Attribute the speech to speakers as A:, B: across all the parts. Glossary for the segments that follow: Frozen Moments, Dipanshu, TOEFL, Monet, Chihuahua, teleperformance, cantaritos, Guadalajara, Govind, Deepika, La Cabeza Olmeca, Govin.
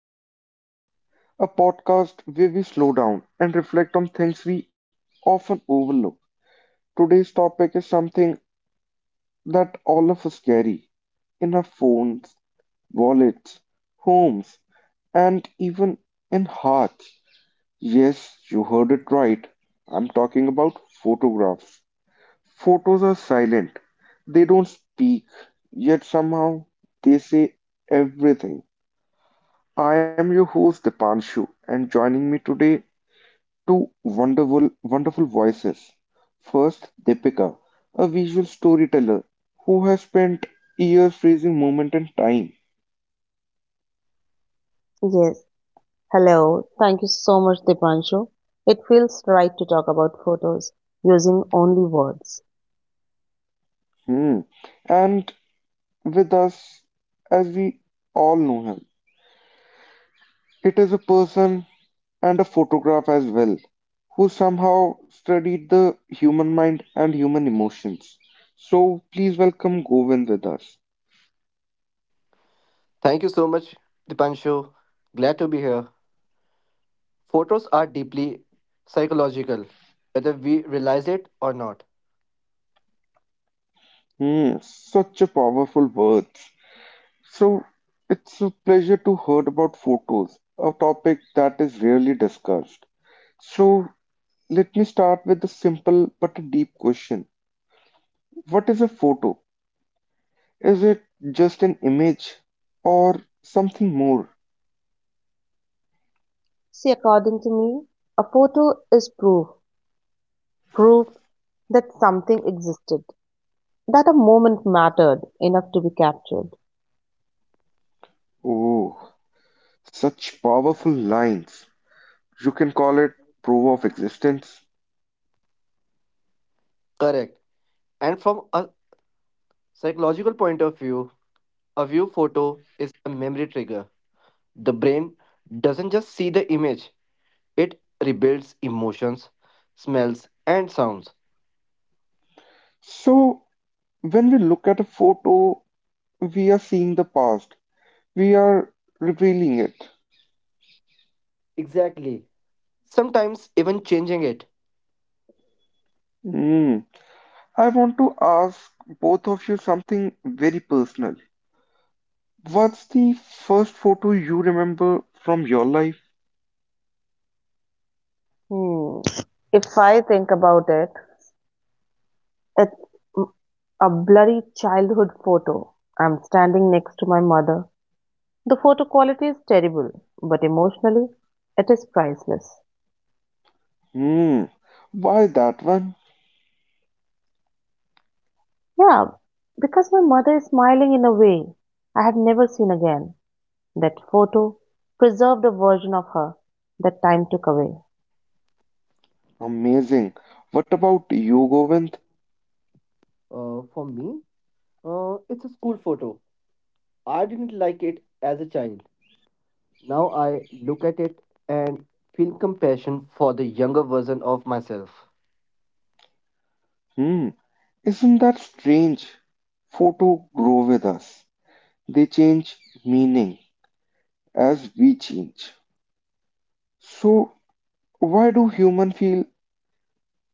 A: Moments, a podcast where we slow down and reflect on things we often overlook. Today's topic is something that all of us carry in our phones, wallets, homes, and even in hearts. Yes, you heard it right. I'm talking about photographs. Photos are silent, they don't speak, yet somehow they say everything. I am your host Dipanshu, and joining me today two wonderful, wonderful voices. First, Deepika, a visual storyteller who has spent years freezing moment and time.
B: Yes. Hello. Thank you so much, Dipanshu. It feels right to talk about photos using only words.
A: Hmm. And with us, as we all know him, it is a person and a photograph as well, who somehow studied the human mind and human emotions. So please welcome Govind with us.
C: Thank you so much, Dipanshu. Glad to be here. Photos are deeply psychological, whether we realize it or not.
A: Hmm, such a powerful word. So it's a pleasure to heard about photos, a topic that is rarely discussed. So let me start with a simple but a deep question. What is a photo? Is it just an image or something more?
B: See, according to me, a photo is proof, proof that something existed, that a moment mattered enough to be captured.
A: Oh, such powerful lines. You can call it proof of existence.
C: Correct. And from a psychological point of view, a view photo is a memory trigger. The brain doesn't just see the image, it rebuilds emotions, smells, and sounds.
A: So when we look at a photo, we are seeing the past. We are revealing it.
C: Exactly. Sometimes even changing it.
A: Hmm. I want to ask both of you something very personal. What's the first photo you remember from your life?
B: Hmm. If I think about it, it's m- a blurry childhood photo. I'm standing next to my mother. The photo quality is terrible, but emotionally, it is priceless.
A: Hmm. Why that one?
B: Yeah, because my mother is smiling in a way I have never seen again. That photo preserved a version of her that time took away.
A: Amazing. What about you, Govind?
C: For me, it's a school photo. I didn't like it as a child. Now I look at it and feel compassion for the younger version of myself.
A: Hmm. Isn't that strange? Photo grow with us. They change meaning as we change. So, why do humans feel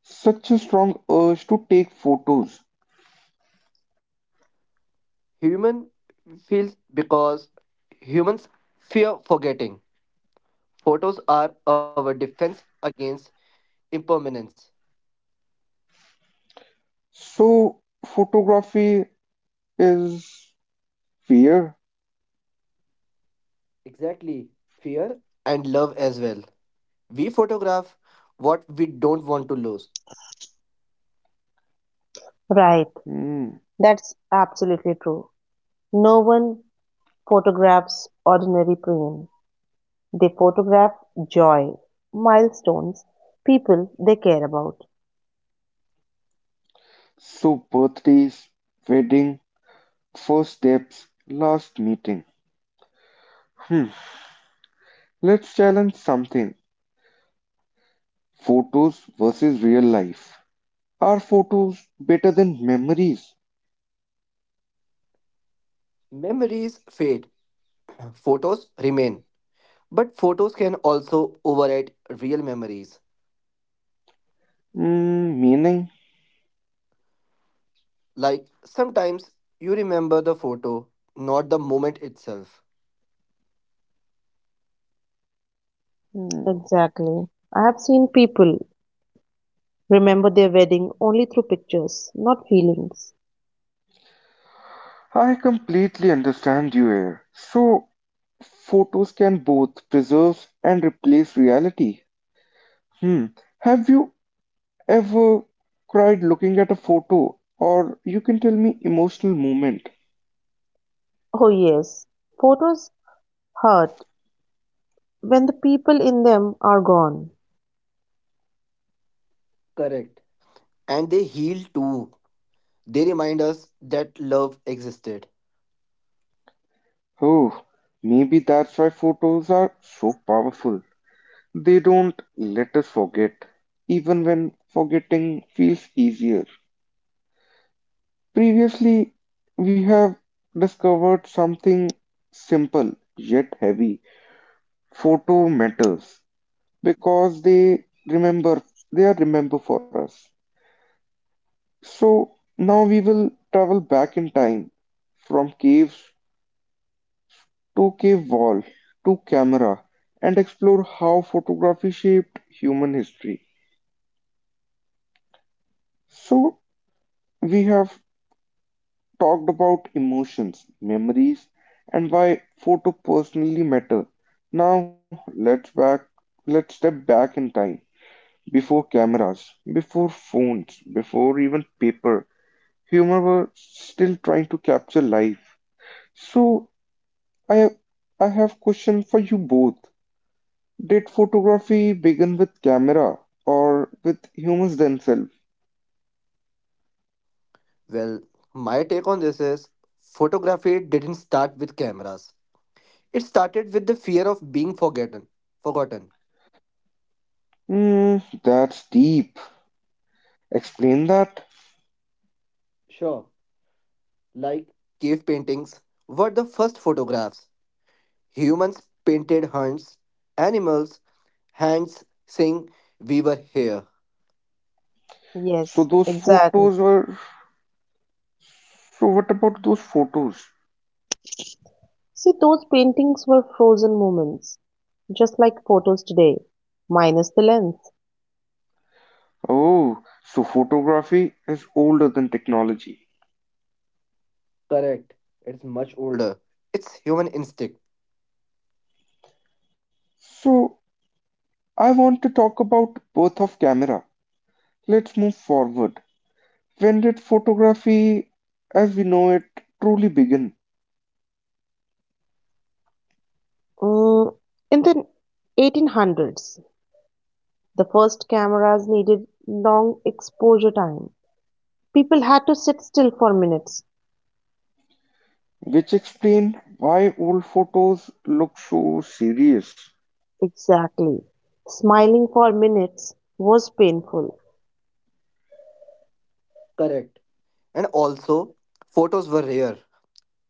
A: such a strong urge to take photos?
C: Human feels because humans fear forgetting. Photos are our defense against impermanence.
A: So, photography is fear.
C: Exactly. Fear and love as well. We photograph what we don't want to lose.
B: Right,
A: Hmm.
B: that's absolutely true. No one photographs ordinary pain, they photograph joy, milestones, people they care about.
A: So birthdays, wedding, first steps, last meeting. Hmm. Let's challenge something. Photos versus real life. Are photos better than memories?
C: Memories fade, photos remain. But photos can also override real memories.
A: Hmm. Meaning?
C: Like sometimes you remember the photo, not the moment itself.
A: Hmm.
B: Exactly. I have seen people remember their wedding only through pictures, not feelings.
A: I completely understand you here. So photos can both preserve and replace reality. Hmm. Have you ever cried looking at a photo? Or you can tell me emotional moment.
B: Oh, yes, photos hurt when the people in them are gone.
C: Correct. And they heal too. They remind us that love existed.
A: Oh, maybe that's why photos are so powerful. They don't let us forget, even when forgetting feels easier. Previously, we have discovered something simple yet heavy. Photo matters because they remember, they are remember for us. So now we will travel back in time from caves two-cave wall, to camera, and explore how photography shaped human history. So, we have talked about emotions, memories, and why photo personally matter. Now, let's step back in time. Before cameras, before phones, before even paper, humans were still trying to capture life. So, I I have question for you both. Did photography begin with camera or with humans themselves?
C: Well, my take on this is photography didn't start with cameras. It started with the fear of being forgotten. Forgotten.
A: Hmm, that's deep. Explain that.
C: Sure. Like cave paintings were the first photographs. Humans painted hands, animals, hands saying we were here.
A: So
B: Yes,
A: those
B: exactly.
A: photos were. So what about those photos?
B: See, those paintings were frozen moments, just like photos today, minus the lens.
A: Oh, so photography is older than technology.
C: Correct. It's much older. It's human instinct.
A: So I want to talk about birth of camera. Let's move forward. When did photography as we know it truly begin?
B: Mm, in the 1800s, the first cameras needed long exposure time. People had to sit still for minutes.
A: Which explain why old photos look so serious.
B: Exactly. Smiling for minutes was painful,
C: Correct. And also, photos were rare.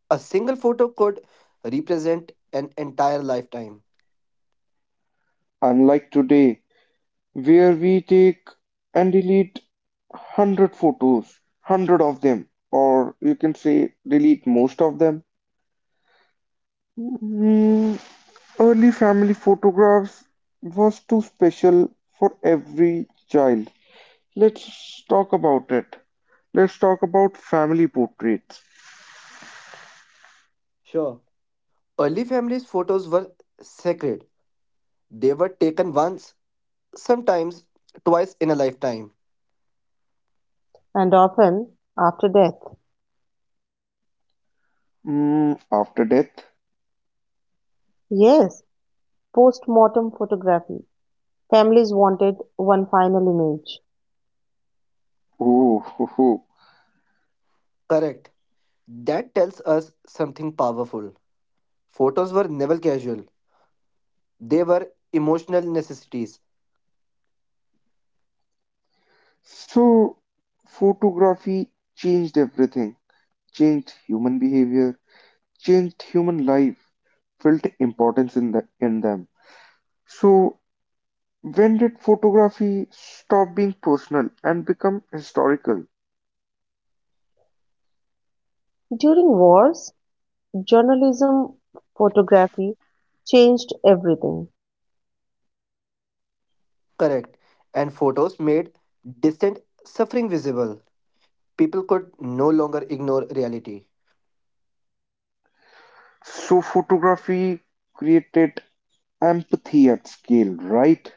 C: A single photo could represent an entire lifetime.
A: Unlike today where we take and delete 100 photos 100 of them or you can say delete most of them. Mm, Early family photographs was too special for every child. let's talk about it let's talk about family portraits.
C: Sure. Early families' photos were sacred. They were taken once, sometimes twice in a lifetime.
B: and often after death.
A: Mm, after death.
B: Yes, post mortem photography. Families wanted one final image.
A: Oh ho, ho.
C: Correct. That tells us something powerful. Photos were never casual, they were emotional necessities.
A: So photography changed everything, changed human behavior, changed human life, felt importance in them. So, when did photography stop being personal and become historical?
B: During wars, journalism photography changed everything.
C: Correct. And photos made distant suffering visible. People could no longer ignore reality.
A: So, photography created empathy at scale, right?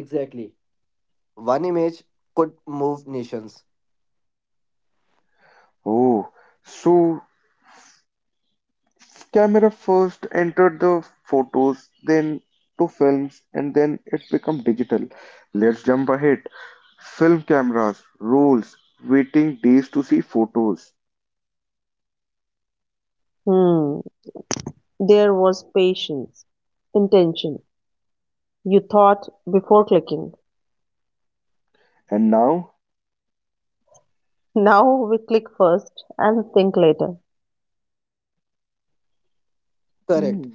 C: Exactly. One image could move nations.
A: Oh, so camera first entered the photos, then to films, and then it became digital. Let's jump ahead. Film cameras, rolls, waiting days to see photos.
B: Hmm. There was patience, intention. You thought before clicking.
A: And now?
B: Now we click first and think later.
C: Correct.
A: Hmm.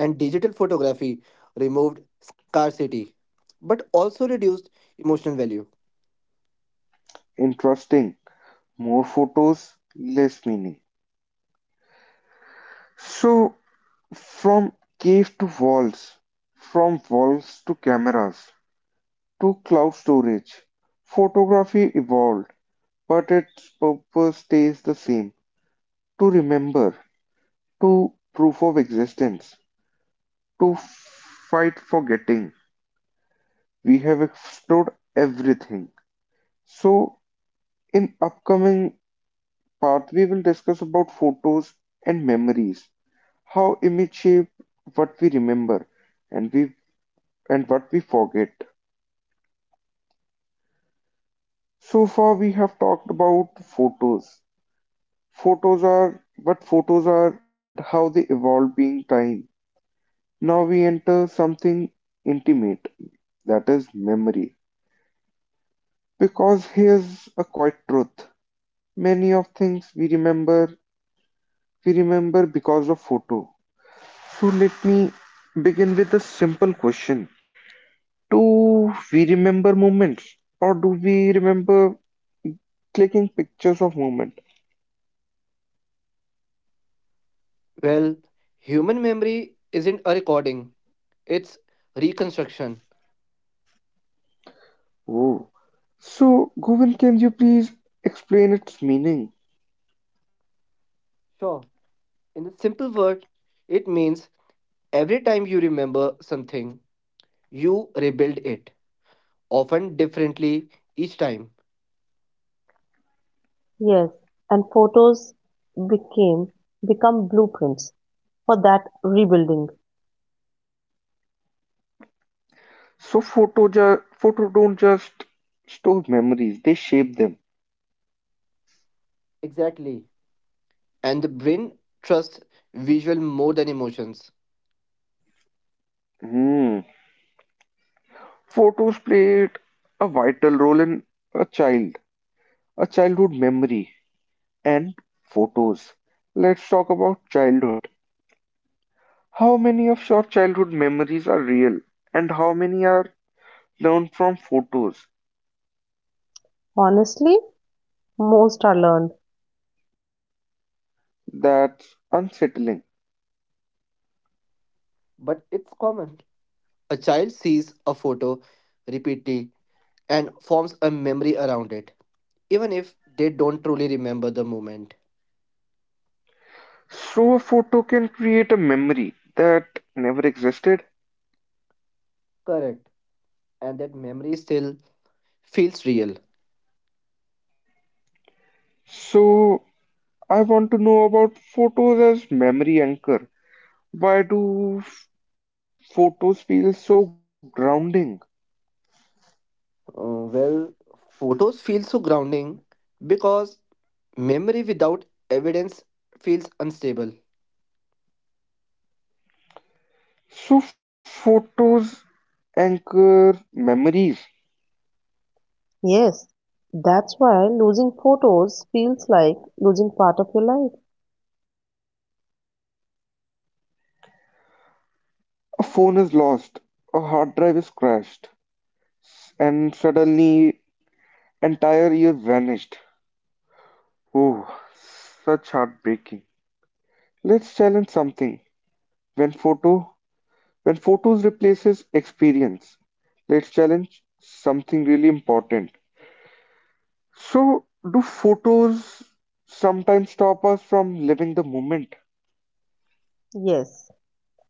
C: And digital photography removed scarcity, but also reduced emotional value.
A: Interesting. More photos, less meaning. So, from cave to walls, from walls to cameras, to cloud storage, photography evolved, but its purpose stays the same to remember, to proof of existence, to fight forgetting. We have explored everything. So, in upcoming part, we will discuss about photos and memories. How image shape what we remember and we and what we forget. So far we have talked about photos. Photos are what photos are and how they evolve being time. Now we enter something intimate, that is memory. Because here's a quiet truth. Many of things we remember because of photo. So let me begin with a simple question. Do we remember movements or do we remember clicking pictures of movement?
C: Well, human memory isn't a recording, it's reconstruction.
A: Oh. So, Govind, can you please explain its meaning?
C: Sure. In a simple word, it means every time you remember something, you rebuild it, often differently each time.
B: Yes, and photos became become blueprints for that rebuilding.
A: So, photo don't just store memories, they shape them.
C: Exactly. And the brain trusts visual more than emotions.
A: Hmm. Photos played a vital role in a child, a childhood memory, and photos. Let's talk about childhood. How many of your childhood memories are real, and how many are learn from photos.
B: Honestly, most are learned.
A: That's unsettling.
C: But it's common. A child sees a photo repeatedly and forms a memory around it, even if they don't truly remember the moment.
A: So, a photo can create a memory that never existed.
C: Correct. And that memory still feels real.
A: So, I want to know about photos as memory anchor. Why do photos feel so grounding?
C: Uh, well, photos feel so grounding because memory without evidence feels unstable.
A: So, photos anchor memories.
B: Yes, that's why losing photos feels like losing part of your life.
A: A phone is lost, a hard drive is crashed, and suddenly entire year vanished. Oh, such heartbreaking. Let's challenge something. When photo when photos replaces experience, let's challenge something really important. So, do photos sometimes stop us from living the moment?
B: Yes,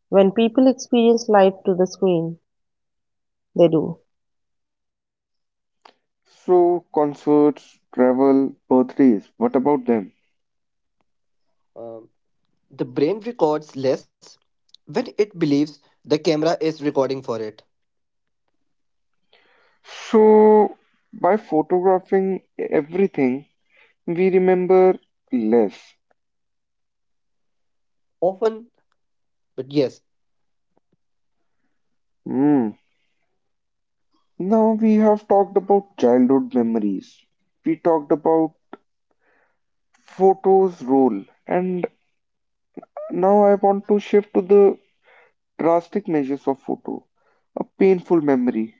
B: when people experience life through the screen, they do.
A: So, concerts, travel, birthdays, what about them?
C: Um, the brain records less when it believes the camera is recording for it.
A: So, by photographing everything, we remember less.
C: Often, but yes,
A: Hmm. Now we have talked about childhood memories. We talked about photo's role. And now I want to shift to the drastic measures of photo. A painful memory,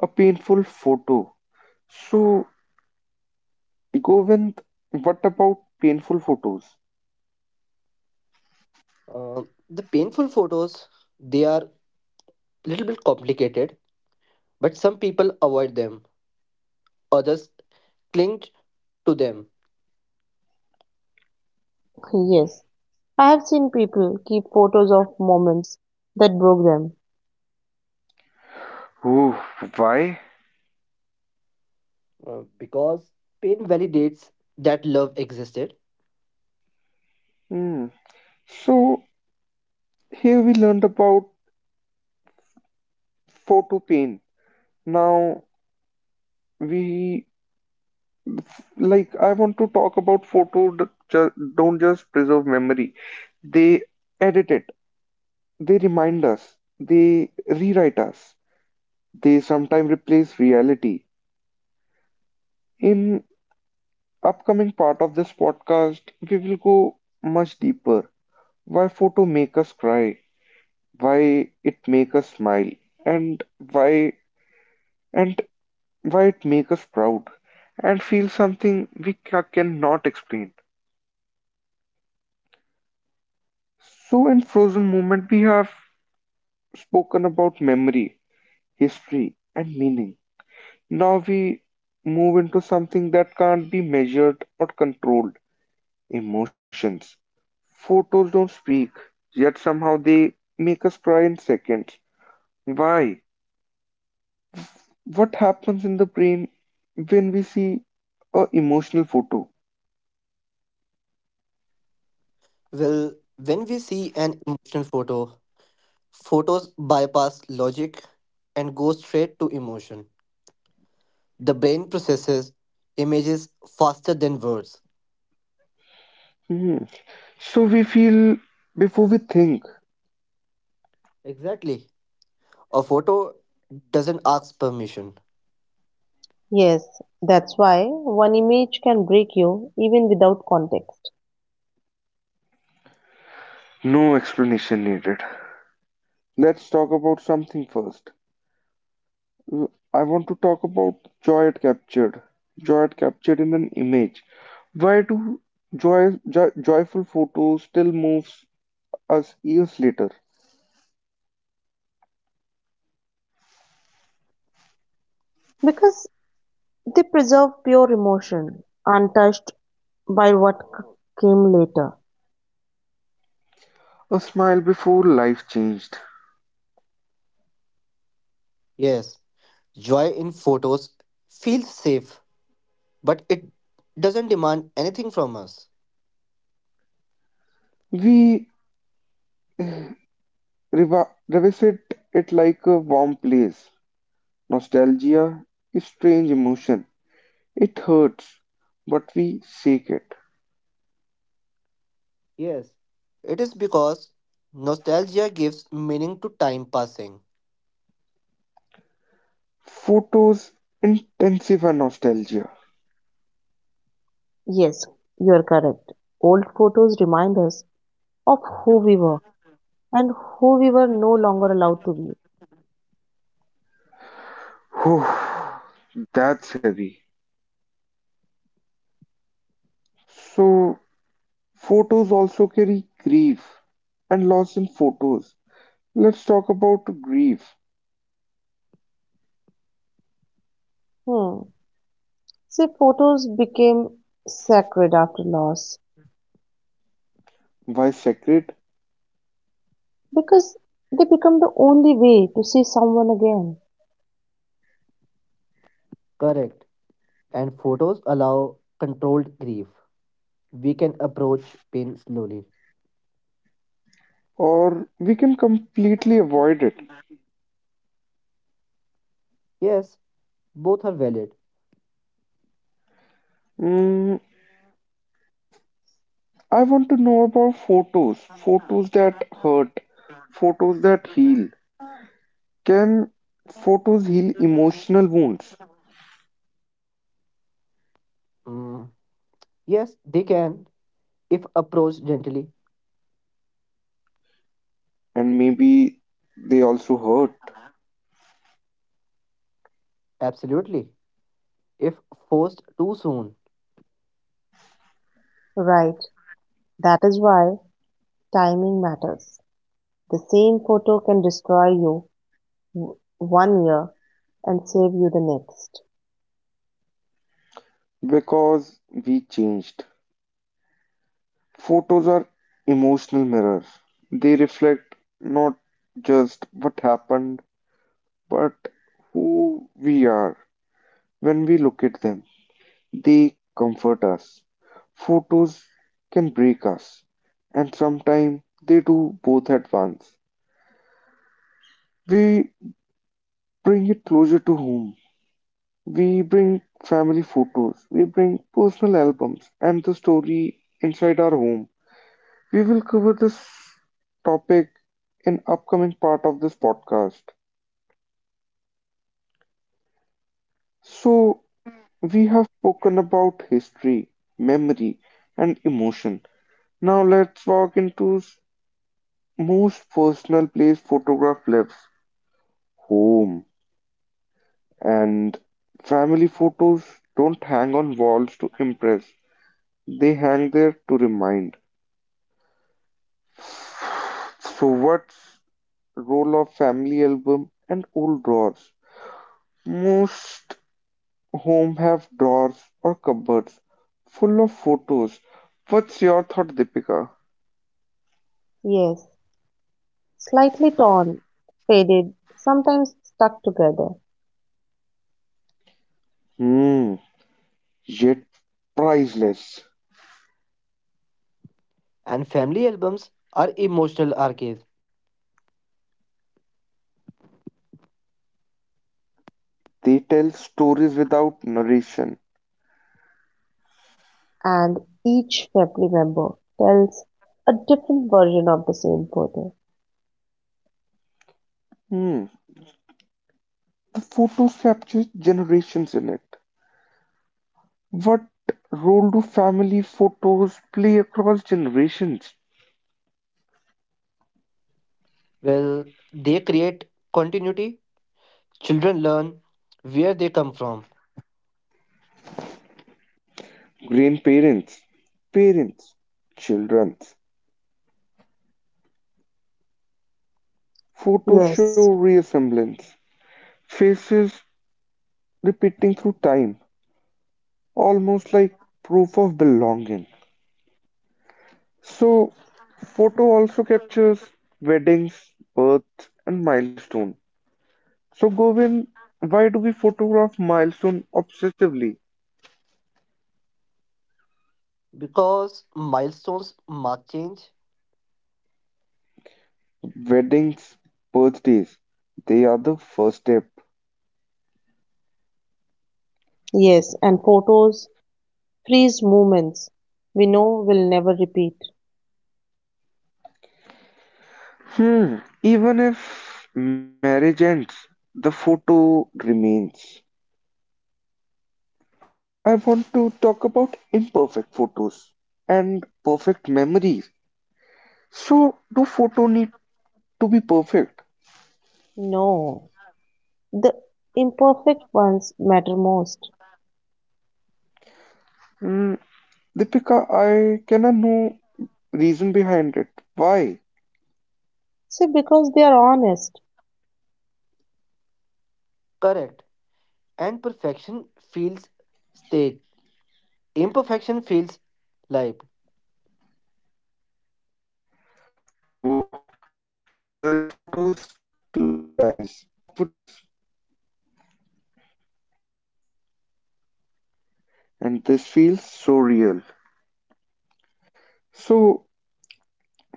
A: a painful photo. So, Govind, what about painful photos?
C: uh, the painful photos, they are a little bit complicated, but some people avoid them, others cling to them.
B: Yes, I have seen people keep photos of moments that broke them.
A: Ooh, why?
C: Because pain validates that love existed.
A: Hmm. So here we learned about photo pain. Now we like I want to talk about photo don't just preserve memory. They edit it. They remind us. They rewrite us. They sometimes replace reality. In upcoming part of this podcast, we will go much deeper. Why photo make us cry, why it make us smile, and why and why it make us proud and feel something we cannot explain. So in frozen moment we have spoken about memory, history and meaning. Now we move into something that can't be measured or controlled, emotions. Photos don't speak, yet somehow they make us cry in seconds. Why? What happens in the brain when we see a emotional photo?
C: Well, when we see an emotional photo, photos bypass logic and go straight to emotion. The brain processes images faster than words.
A: Hmm. So we feel before we think.
C: Exactly. A photo doesn't ask permission.
B: Yes, that's why one image can break you even without context.
A: No explanation needed. Let's talk about something first. I want to talk about joy it captured. Joy it captured in an image. Why do joyful photos still moves us years later?
B: Because they preserve pure emotion, untouched by what came later.
A: A smile before life changed.
C: Yes, joy in photos feels safe, but it doesn't demand anything from us.
A: We revisit it like a warm place. Nostalgia is strange emotion. It hurts, but we shake it.
C: Yes, it is because nostalgia gives meaning to time passing.
A: Photos intensify nostalgia.
B: Yes, you are correct. Old photos remind us of who we were and who we were no longer allowed to be.
A: Whew, that's heavy. So, photos also carry grief and loss in photos. Let's talk about grief.
B: Hmm. See, photos became sacred after loss
A: Why sacred?
B: because they become the only way to see someone again.
C: Correct. And photos allow controlled grief. We can approach pain slowly.
A: Or we can completely avoid it.
C: Yes, both are valid.
A: Mm, I want to know about photos that hurt, photos that heal. Can photos heal emotional wounds?
C: Mm, yes, they can. If approached gently,
A: And maybe they also hurt
C: absolutely. If forced too soon,
B: Right. That is why timing matters. The same photo can destroy you one year and save you the next.
A: because we changed. Photos are emotional mirrors. They reflect not just what happened, but who we are when we look at them. They comfort us. Photos can break us, and sometimes they do both at once. We bring it closer to home. We bring family photos, we bring personal albums, and the story inside our home. We will cover this topic in upcoming part of this podcast. So, we have spoken about history, memory, and emotion. Now let's walk into Most personal place photograph lives home, and family photos don't hang on walls to impress. They hang there to remind. So what's role of family album and old drawers? Most home have drawers or cupboards full of photos. What's your thought, Deepika?
B: Yes, slightly torn, faded, sometimes stuck together,
A: Hmm, yet priceless.
C: and family albums are emotional archives.
A: They tell stories without narration.
B: and each family member tells a different version of the same photo.
A: Hmm. The photos capture generations in it. What role do family photos play across generations?
C: Well, they create continuity. Children learn where they come from
A: Grandparents, parents, children. Photos show
B: Yes,
A: reassemblance, faces repeating through time, almost like proof of belonging. So, photo also captures weddings, births, and milestones. So, Govind, why do we photograph milestone obsessively?
C: because milestones mark change,
A: Weddings, birthdays, they are the first step.
B: yes, and photos freeze moments we know will never repeat.
A: Hmm, even if marriage ends, the photo remains. I want to talk about imperfect photos and perfect memories. So, do photo need to be perfect?
B: No, the imperfect ones matter most.
A: Hmm, Deepika, I cannot know reason behind it. Why?
B: See, because they are honest.
C: correct, and perfection feels staged. Imperfection feels life.
A: Oh, blurry photos, closed eyes, awkward smiles, and this feels so real. So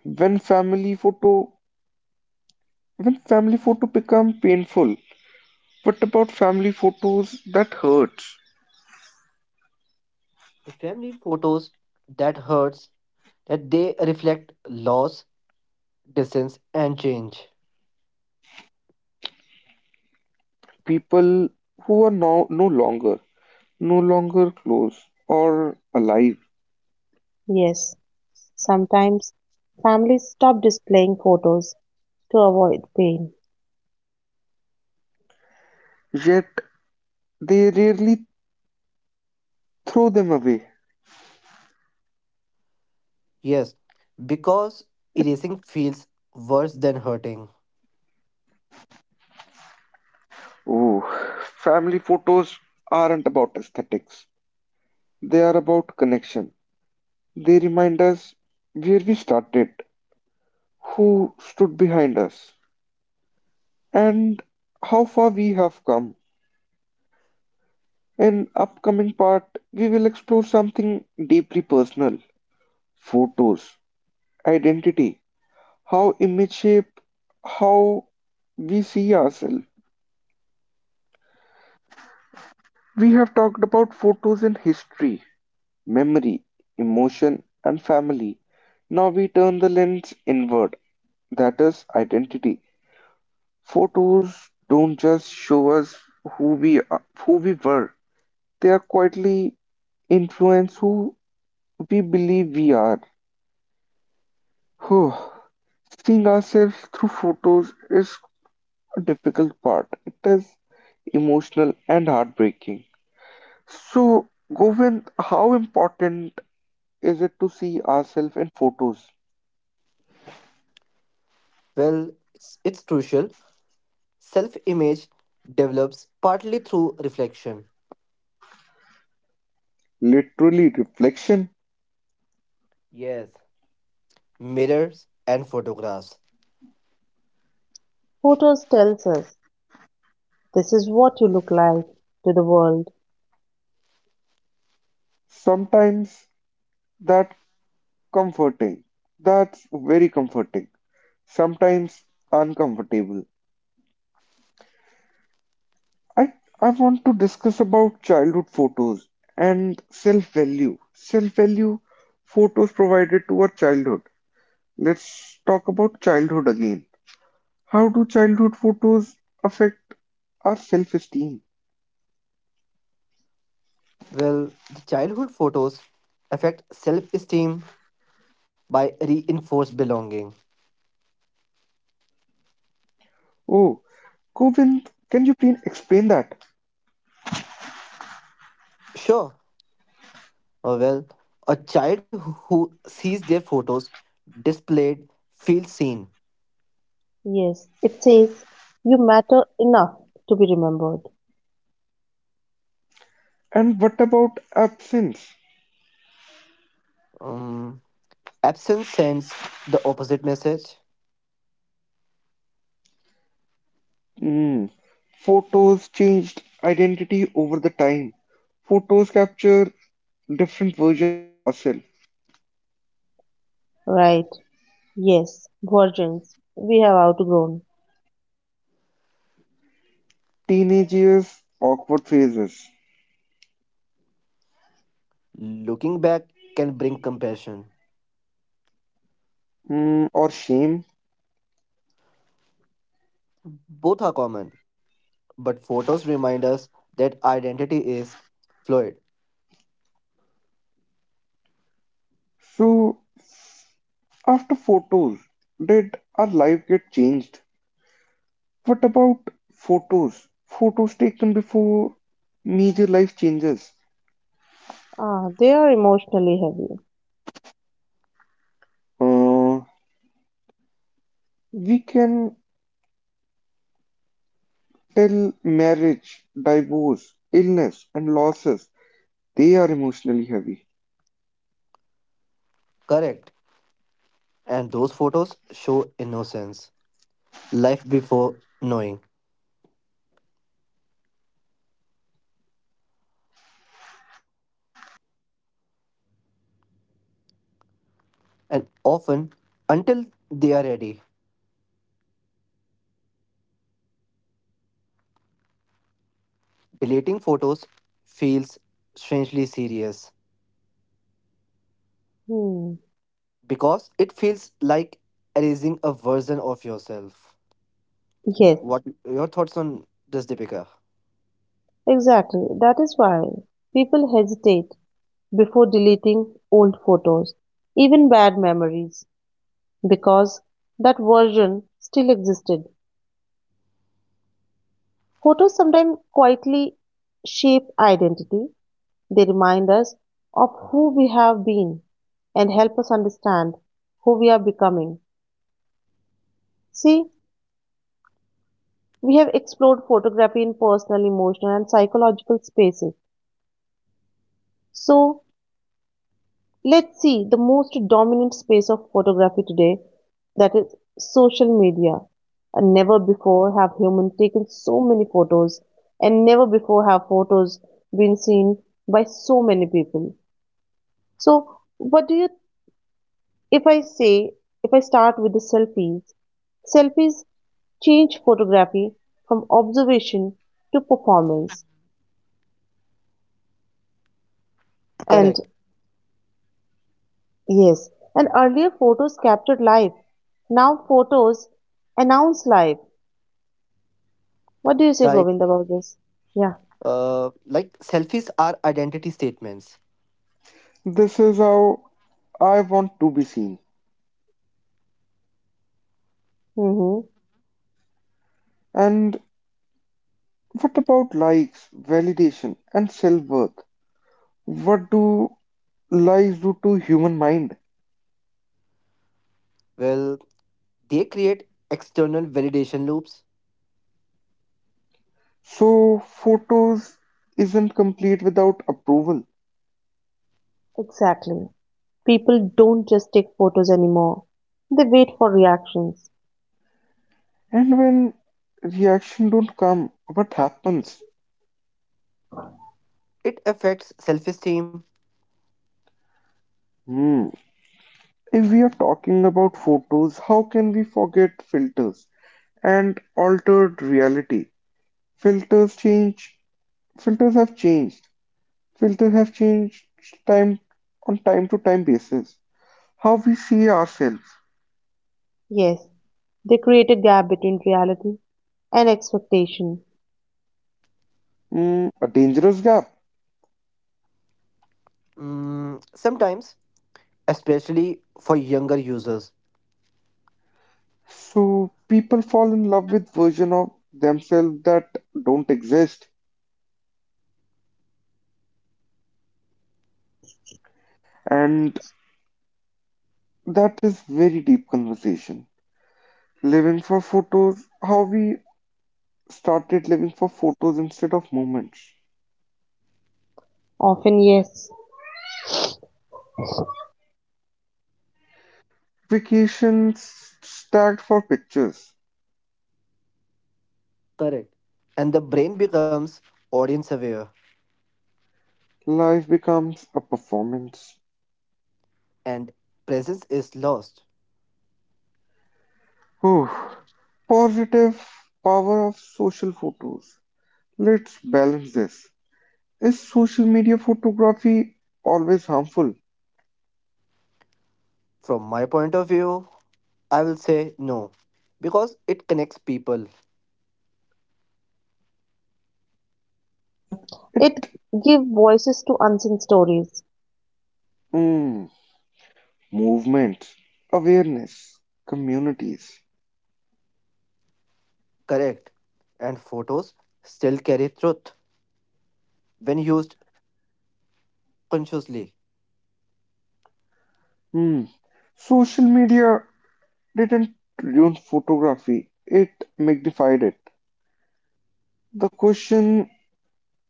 A: when family photo when family photo become painful, what about family photos that hurt?
C: The family photos that hurts that they reflect loss, distance, and change.
A: People who are now no longer close or alive,
B: Yes, sometimes families stop displaying photos to avoid pain.
A: yet they rarely throw them away.
C: Yes, because erasing feels worse than hurting.
A: Oh, family photos aren't about aesthetics. They are about connection. They remind us where we started, who stood behind us, and how far we have come. In upcoming part, we will explore something deeply personal: photos, identity, how image shape how we see ourselves. We have talked about photos in history, memory, emotion, and family. Now we turn the lens inward, that is identity. Photos don't just show us who we are, who we were. They are quietly influence who we believe we are. Whew. Seeing ourselves through photos is a difficult part. It is emotional and heartbreaking. So, Govind, how important is it to see ourselves in photos?
C: Well, it's crucial. Self image develops partly through reflection,
A: Literally reflection.
C: yes. Mirrors, and photographs.
B: Photos tells us this is what you look like to the world.
A: Sometimes that comforting. That's very comforting. Sometimes uncomfortable. I I want to discuss about childhood photos and self-value. Self-value photos provided to our childhood. Let's talk about childhood again. How do childhood photos affect our self-esteem?
C: Well, the childhood photos affect self esteem by reinforced belonging.
A: Oh, Govind, can you please explain that?
C: Sure, well, a child who sees their photos displayed feels seen.
B: Yes, it says you matter enough to be remembered.
A: And what about absence?
C: Um, Absence sends the opposite message.
A: Hmm. Photos changed identity over the time. Photos capture different version of ourselves.
B: Right. Yes, virgins we have outgrown.
A: Teenage years, awkward phases,
C: Looking back can bring compassion.
A: hmm, or shame.
C: Both are common. But photos remind us that identity is fluid,
A: So after photos, did our life get changed? What about photos? Photos taken before major life changes.
B: Ah, they are emotionally heavy.
A: Uh, we can tell marriage, divorce, illness, and losses. They are emotionally heavy.
C: correct? And those photos show innocence, life before knowing, and often until they are ready. Deleting photos feels strangely serious
B: Hmm.
C: because it feels like erasing a version of yourself.
B: Yes,
C: What your thoughts on this, Deepika?
B: exactly. That is why people hesitate before deleting old photos, even bad memories, because that version still existed. Photos sometimes quietly shape identity. They remind us of who we have been and help us understand who we are becoming. See, we have explored photography in personal, emotional, and psychological spaces. So, let's see the most dominant space of photography today, that is social media. And never before have humans taken so many photos, and never before have photos been seen by so many people. So, what do you, if I say, if I start with the selfies, selfies change photography from observation to performance. And
C: Correct.
B: yes, and earlier photos captured life, now photos announce life. What do you say,
C: Like,
B: Govind, about this? Yeah,
C: like selfies are identity statements.
D: This is how I want to be seen.
B: mm-hmm.
D: And what about likes, validation, and self-worth? What do lies do to human mind?
C: Well, they create external validation loops.
D: So photos isn't complete without approval.
B: Exactly. People don't just take photos anymore, they wait for reactions.
D: And when reaction don't come, what happens?
C: It affects self esteem.
D: Hmm. If we are talking about photos, how can we forget filters and altered reality? Filters change. Filters have changed. Filters have changed time on time to time basis. How we see ourselves.
B: Yes, they create a gap between reality and expectation.
D: Mm, a dangerous gap.
C: Mm, sometimes, especially for younger users.
D: So people fall in love with version of themselves that don't exist, and that is very deep conversation. Living for photos, how we started living for photos instead of moments.
B: Often, yes.
D: Vacations stacked for pictures.
C: Correct. And the brain becomes audience aware
D: Life becomes a performance.
C: and presence is lost.
D: Whew. Positive power of social photos. Let's balance this. Is social media photography always harmful?
C: From my point of view, I will say no because it connects people,
B: Mm.
D: It
B: It give voices to unseen stories.
D: mm, movement, awareness, communities.
C: correct? And photos still carry truth when used consciously.
D: Hmm. Social media didn't ruin photography; it magnified it. The question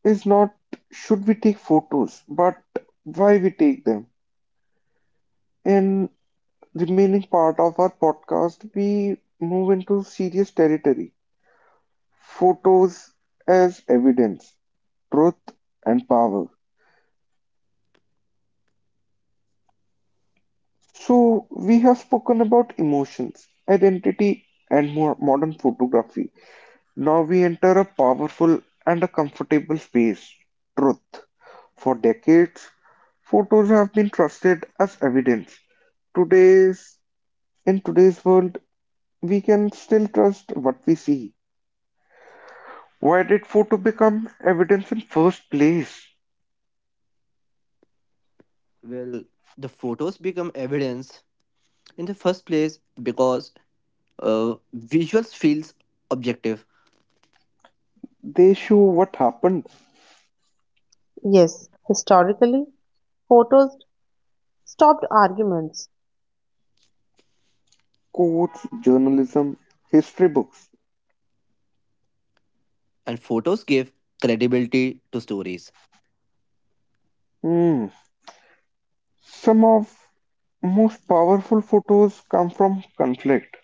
D: is not should we take photos, but why we take them. In the remaining part of our podcast, we move into serious territory. Photos as evidence, truth and power. So we have spoken about emotions, identity and more modern photography. Now we enter a powerful and a comfortable space, truth. For decades, photos have been trusted as evidence. Today's in today's world, we can still trust what we see. Why did photo become evidence in first place?
C: Well, the photos become evidence in the first place because visuals feels objective.
D: They show what happened.
B: Yes, historically, photos stopped arguments.
D: Courts, journalism, history books.
C: And photos gave credibility to stories
D: Hmm. Some of most powerful photos come from conflict.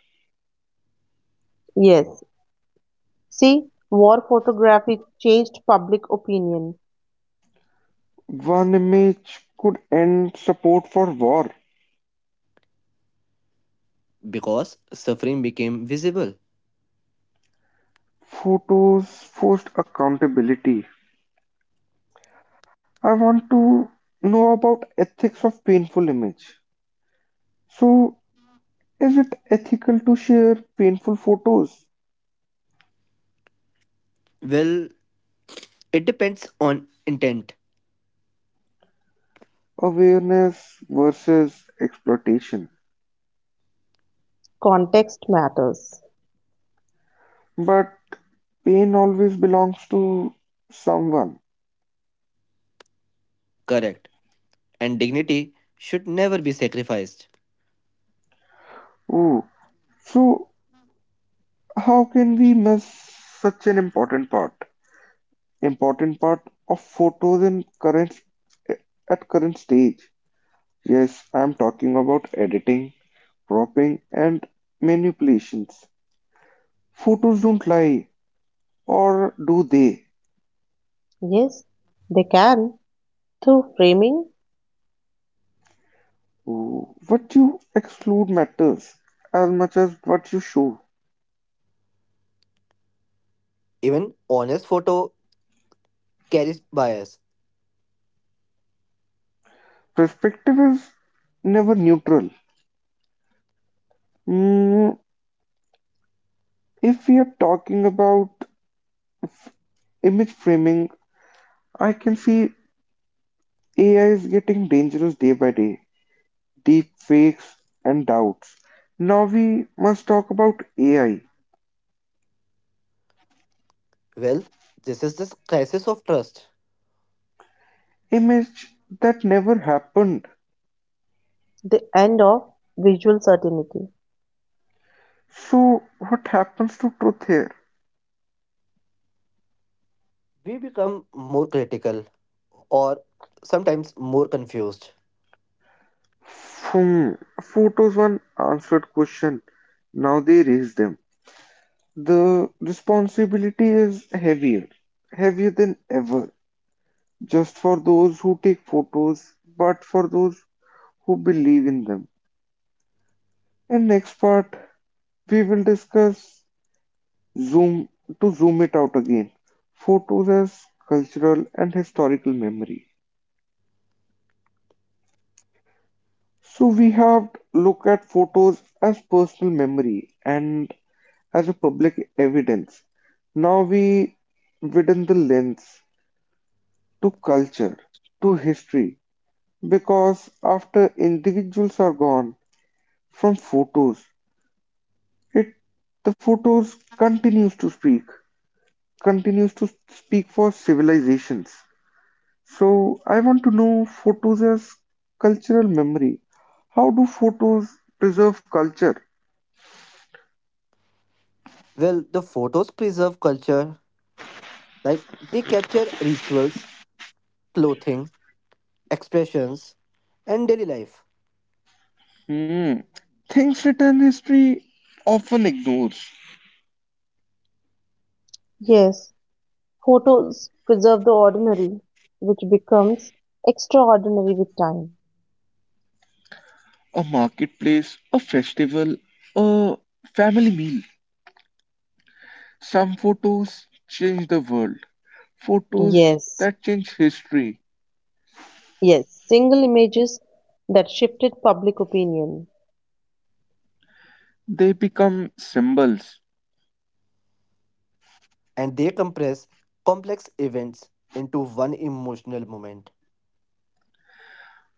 B: Yes, see, war photography changed public opinion.
D: One image could end support for war.
C: because suffering became visible.
D: Photos forced accountability. I want to know about ethics of painful image. So, is it ethical to share painful photos?
C: Well, it depends on intent,
D: Awareness versus exploitation.
B: Context matters.
D: But pain always belongs to someone.
C: correct, and dignity should never be sacrificed.
D: Oh, so how can we miss such an important part? Important part of photos in current at current stage. Yes, I'm talking about editing, cropping, and manipulations. Photos don't lie, or do they?
B: Yes, they can through framing
D: Oh, what you exclude matters as much as what you show.
C: Even honest photo carries bias.
D: Perspective is never neutral. Mm, if we are talking about image framing, I can see AI is getting dangerous day by day. Deep fakes and doubts. Now we must talk about AI.
C: Well, this is this crisis of trust.
D: Image that never happened.
B: the end of visual certainty.
D: So what happens to truth here?
C: We become more critical or sometimes more confused.
D: Hmm, photos one answered question. Now they raise them. The responsibility is heavier, heavier than ever. Just for those who take photos, but for those who believe in them. And next part we will discuss zoom zoom it out again, photos as cultural and historical memory. So we have looked at photos as personal memory and as a public evidence. Now we widen the lens to culture, to history, because after individuals are gone from photos, it the photos continues to speak continues to speak for civilizations. So I want to know photos as cultural memory. How do photos preserve culture?
C: Well, the photos preserve culture, like they capture rituals, clothing, expressions, and daily life.
D: Hmm. Things written history often ignores.
B: Yes, photos preserve the ordinary, which becomes extraordinary with time.
D: A marketplace, a festival, a family meal. Some photos change the world. Photos
B: Yes,
D: that change history.
B: yes, single images that shifted public opinion.
D: They become symbols.
C: And they compress complex events into one emotional moment.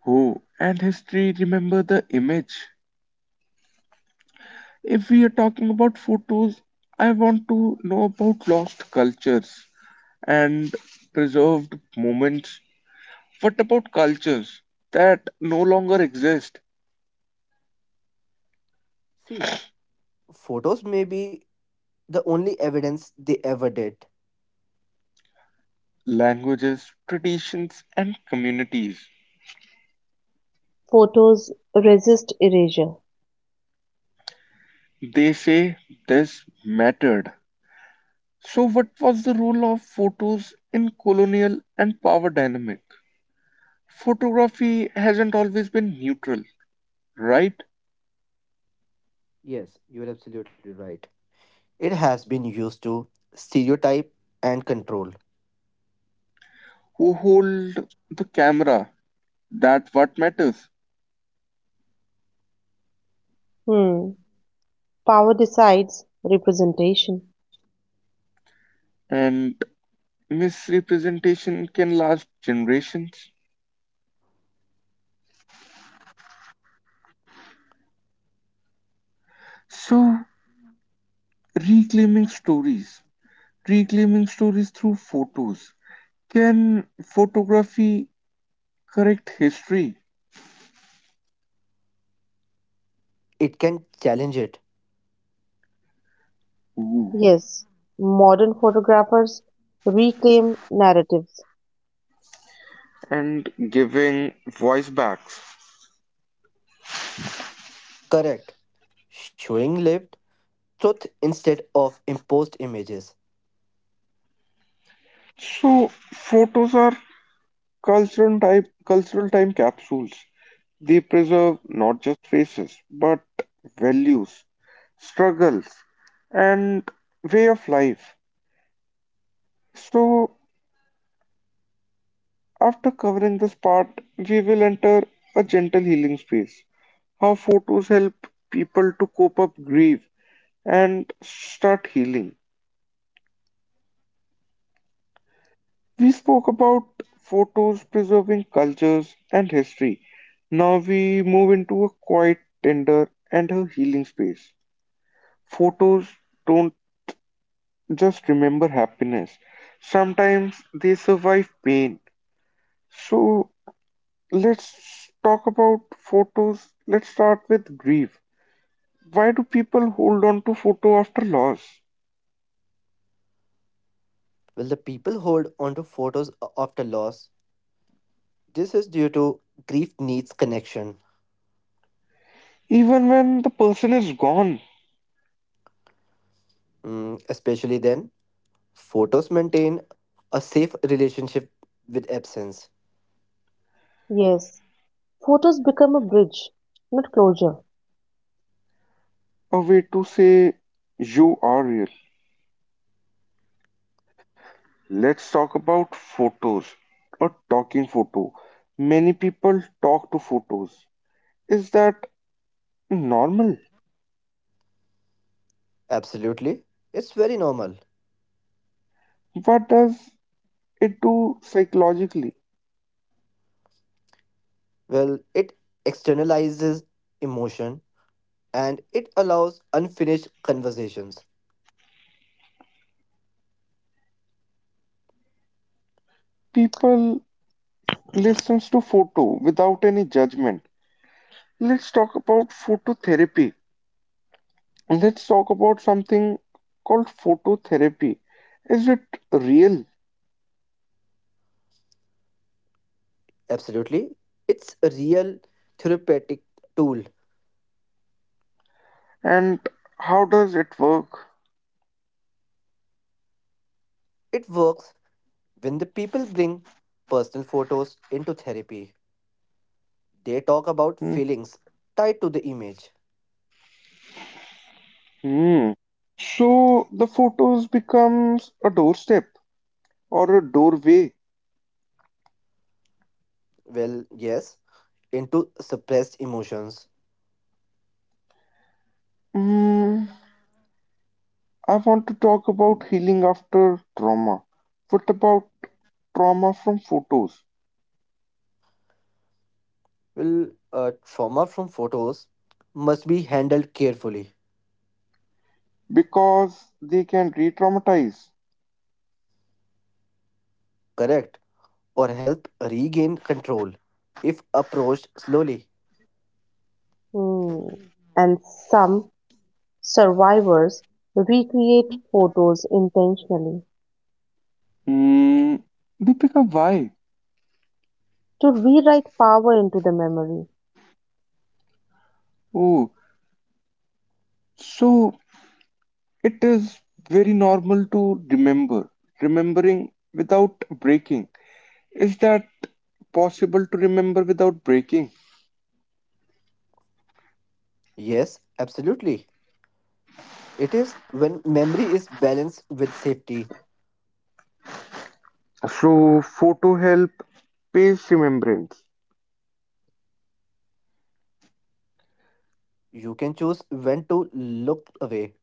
D: Oh, and history remember the image. If we are talking about photos, I want to know about lost cultures and preserved moments. What about cultures that no longer exist?
C: See, photos may be the only evidence they ever did.
D: Languages, traditions, and communities.
B: Photos resist erasure.
D: They say this mattered. So, what was the role of photos in colonial and power dynamic? Photography hasn't always been neutral, right?
C: Yes, you're absolutely right. It has been used to stereotype and control.
D: Who hold the camera? That what matters.
B: Hmm, Power decides representation.
D: And misrepresentation can last generations. So, reclaiming stories, reclaiming stories through photos. Can photography correct history?
C: It can challenge it.
D: Ooh.
B: Yes, modern photographers reclaim narratives.
D: And giving voice backs.
C: Correct. Showing lived truth instead of imposed images.
D: So, photos are cultural time capsules. They preserve not just faces, but values, struggles, and way of life. So, after covering this part, we will enter a gentle healing space. How photos help people to cope up grief and start healing. We spoke about photos preserving cultures and history. Now we move into a quiet, tender, and a healing space. Photos don't just remember happiness, sometimes they survive pain. So let's talk about photos. Let's start with grief. Why do people hold on to photo after loss?
C: Will the people hold onto photos after loss? This is due to grief needs connection,
D: Even when the person is gone,
C: mm, especially then. Photos maintain a safe relationship with absence.
B: Yes, photos become a bridge, not closure.
D: a way to say you are real. Let's talk about photos. A talking photo. Many people talk to photos. Is that normal?
C: Absolutely. It's very normal.
D: What does it do psychologically?
C: Well, it externalizes emotion and it allows unfinished conversations.
D: People listens to photo without any judgment. Let's talk about phototherapy. Let's talk about something called phototherapy. Is it real,
C: Absolutely. It's a real therapeutic tool.
D: and how does it work?
C: It works when the people bring personal photos into therapy. They talk about feelings tied to the image.
D: Hmm. So the photos becomes a doorstep or a doorway.
C: Well, yes, into suppressed emotions.
D: Hmm. I want to talk about healing after trauma. What about trauma from photos?
C: Well, trauma from photos must be handled carefully,
D: Because they can re-traumatize.
C: correct, or help regain control if approached slowly.
B: Hmm. And some survivors recreate photos intentionally
D: Hmm. Deepika, why?
B: to rewrite power into the memory.
D: Oh, so it is very normal to remember. Remembering without breaking. Is that possible to remember without breaking?
C: Yes, absolutely. It is when memory is balanced with safety,
D: So, photo help pays remembrance.
C: you can choose when to look away,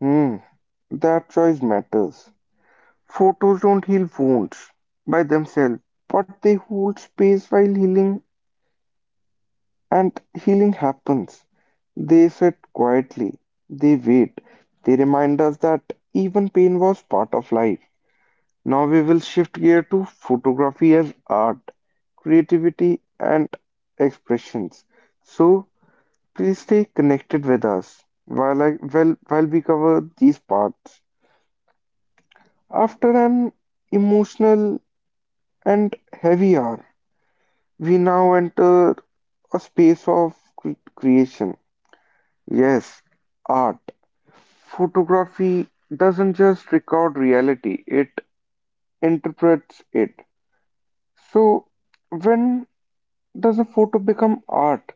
D: Hmm, that choice matters. Photos don't heal wounds by themselves, but they hold space while healing, and healing happens. They sit quietly, they wait, they remind us that even pain was part of life. Now we will shift gear to photography as art, creativity and expressions. So please stay connected with us while we cover these parts. After an emotional and heavy hour, we now enter a space of creation. Yes, art. Photography doesn't just record reality, it interprets it. So, when does a photo become art?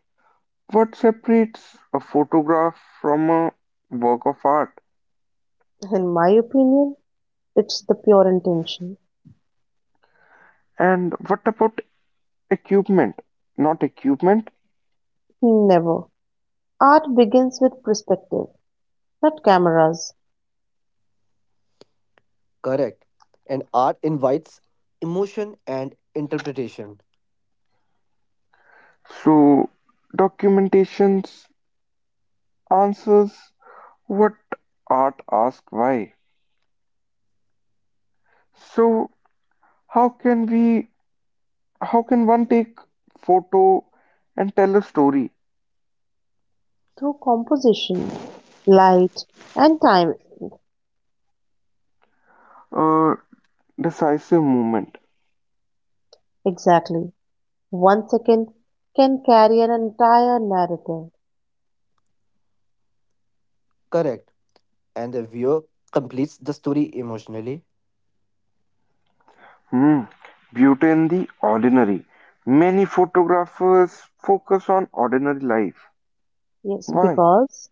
D: What separates a photograph from a work of art?
B: In my opinion, it's the pure intention.
D: And what about equipment? Not equipment.
B: Never. Art begins with perspective, not cameras,
C: correct. And art invites emotion and interpretation,
D: So, documentations answers what art asks why. So, how can we, how can one take photo and tell a story?
B: through composition, light, and time.
D: A decisive moment.
B: Exactly. One second can carry an entire narrative.
C: correct. And the viewer completes the story emotionally,
D: Hmm. Beauty in the ordinary. Many photographers focus on ordinary life.
B: Yes,
D: Why?
B: because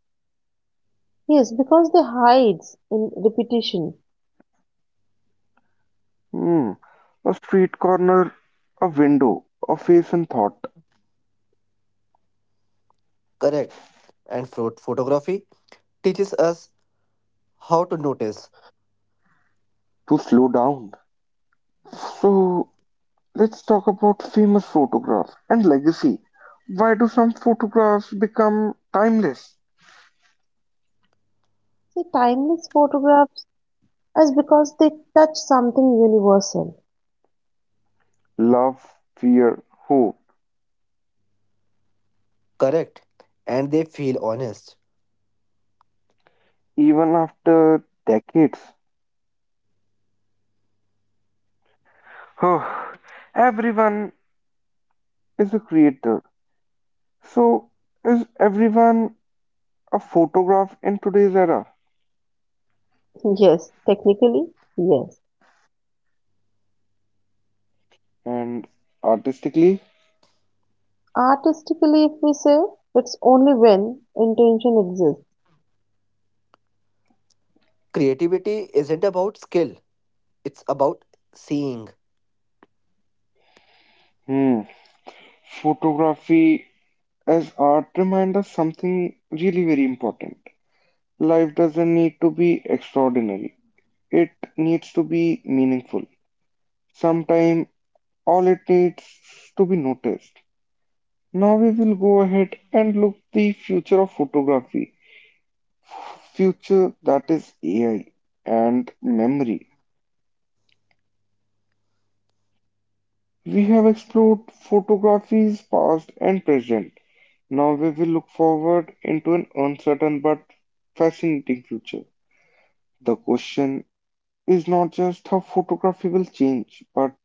B: Yes, because they hides in repetition.
D: Hmm. A street corner, a window, a face and thought
C: correct. And photography teaches us how to notice.
D: to slow down. So let's talk about famous photographs and legacy. Why do some photographs become timeless?
B: See, timeless photographs as because they touch something universal.
D: Love, fear, hope,
C: Correct. And they feel honest.
D: even after decades. Everyone is a creator. So, is everyone a photograph in today's era?
B: Yes, technically, yes.
D: And artistically,
B: Artistically, if we say, it's only when intention exists.
C: Creativity isn't about skill, it's about seeing.
D: hmm, photography as art reminds us something really very important. Life doesn't need to be extraordinary. It needs to be meaningful. Sometimes all it needs to be noticed. Now we will go ahead and look the future of photography, future that is AI and memory. We have explored photography's past and present. Now we will look forward into an uncertain but fascinating future. The question is not just how photography will change, but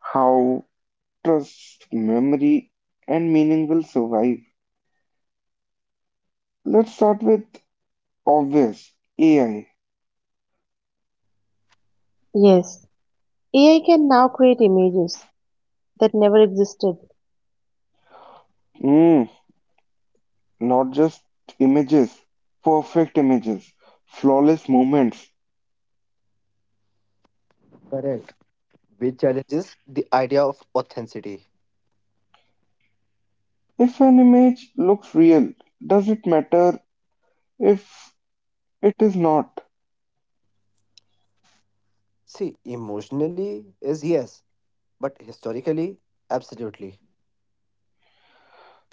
D: how trust, memory, and meaning will survive. Let's start with obvious AI.
B: Yes, AI can now create images that never existed,
D: Mm, not just images, perfect images, flawless moments.
C: Correct. Which challenges the idea of authenticity.
D: If an image looks real, does it matter if it is not.
C: See, emotionally is yes, but historically, absolutely.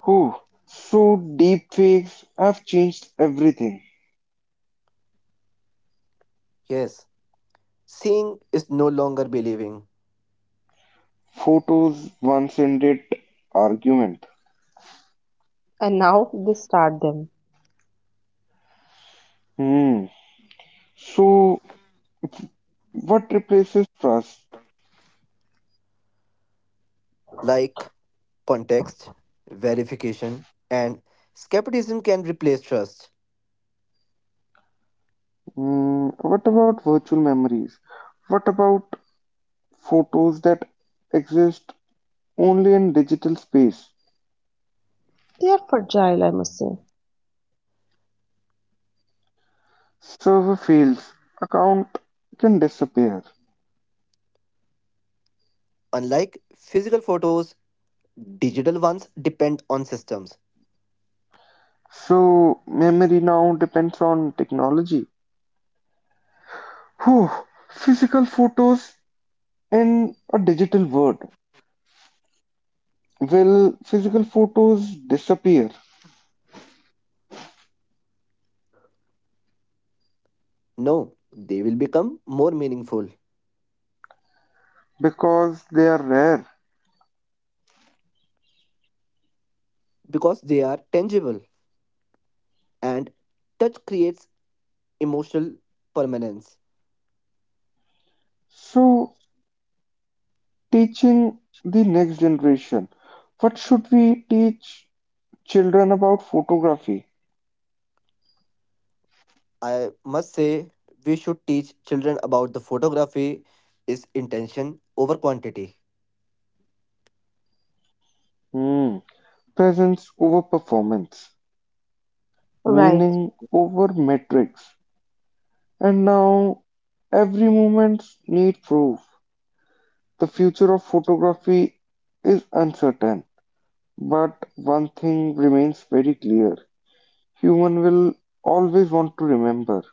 D: Who? So deepfakes have changed everything.
C: Yes. Seeing is no longer believing.
D: Photos once ended argument.
B: and now they start them.
D: Hmm. So what replaces trust?
C: Like context, verification, and skepticism can replace trust.
D: Hmm. What about virtual memories? What about photos that exist only in digital space?
B: They are fragile, I must say.
D: Server fails, account can disappear.
C: Unlike physical photos, digital ones depend on systems.
D: So memory now depends on technology. Whew. Physical photos in a digital world, will physical photos disappear
C: No, they will become more meaningful.
D: because they are rare?
C: Because they are tangible and touch creates emotional permanence.
D: So, teaching the next generation, what should we teach children about photography?
C: I must say, we should teach children about the photography is intention over quantity.
D: Hmm. Presence over performance,
B: Right.
D: meaning over metrics. And now, every moment needs proof. The future of photography is uncertain, but one thing remains very clear. Human will always want to remember.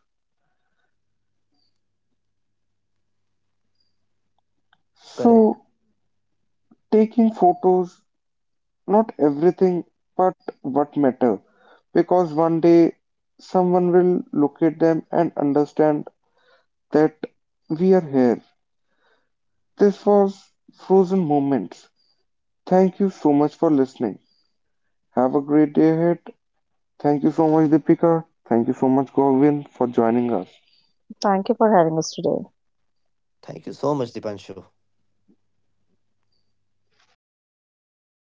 C: Correct.
D: So, taking photos, not everything, but what matter, because one day someone will look at them and understand that we are here. This was Frozen Moments. Thank you so much for listening. Have a great day ahead. Thank you so much, Deepika. Thank you so much, Govin, for joining us.
B: Thank you for having us today.
C: Thank you so much, Dipanshu. It's pleasure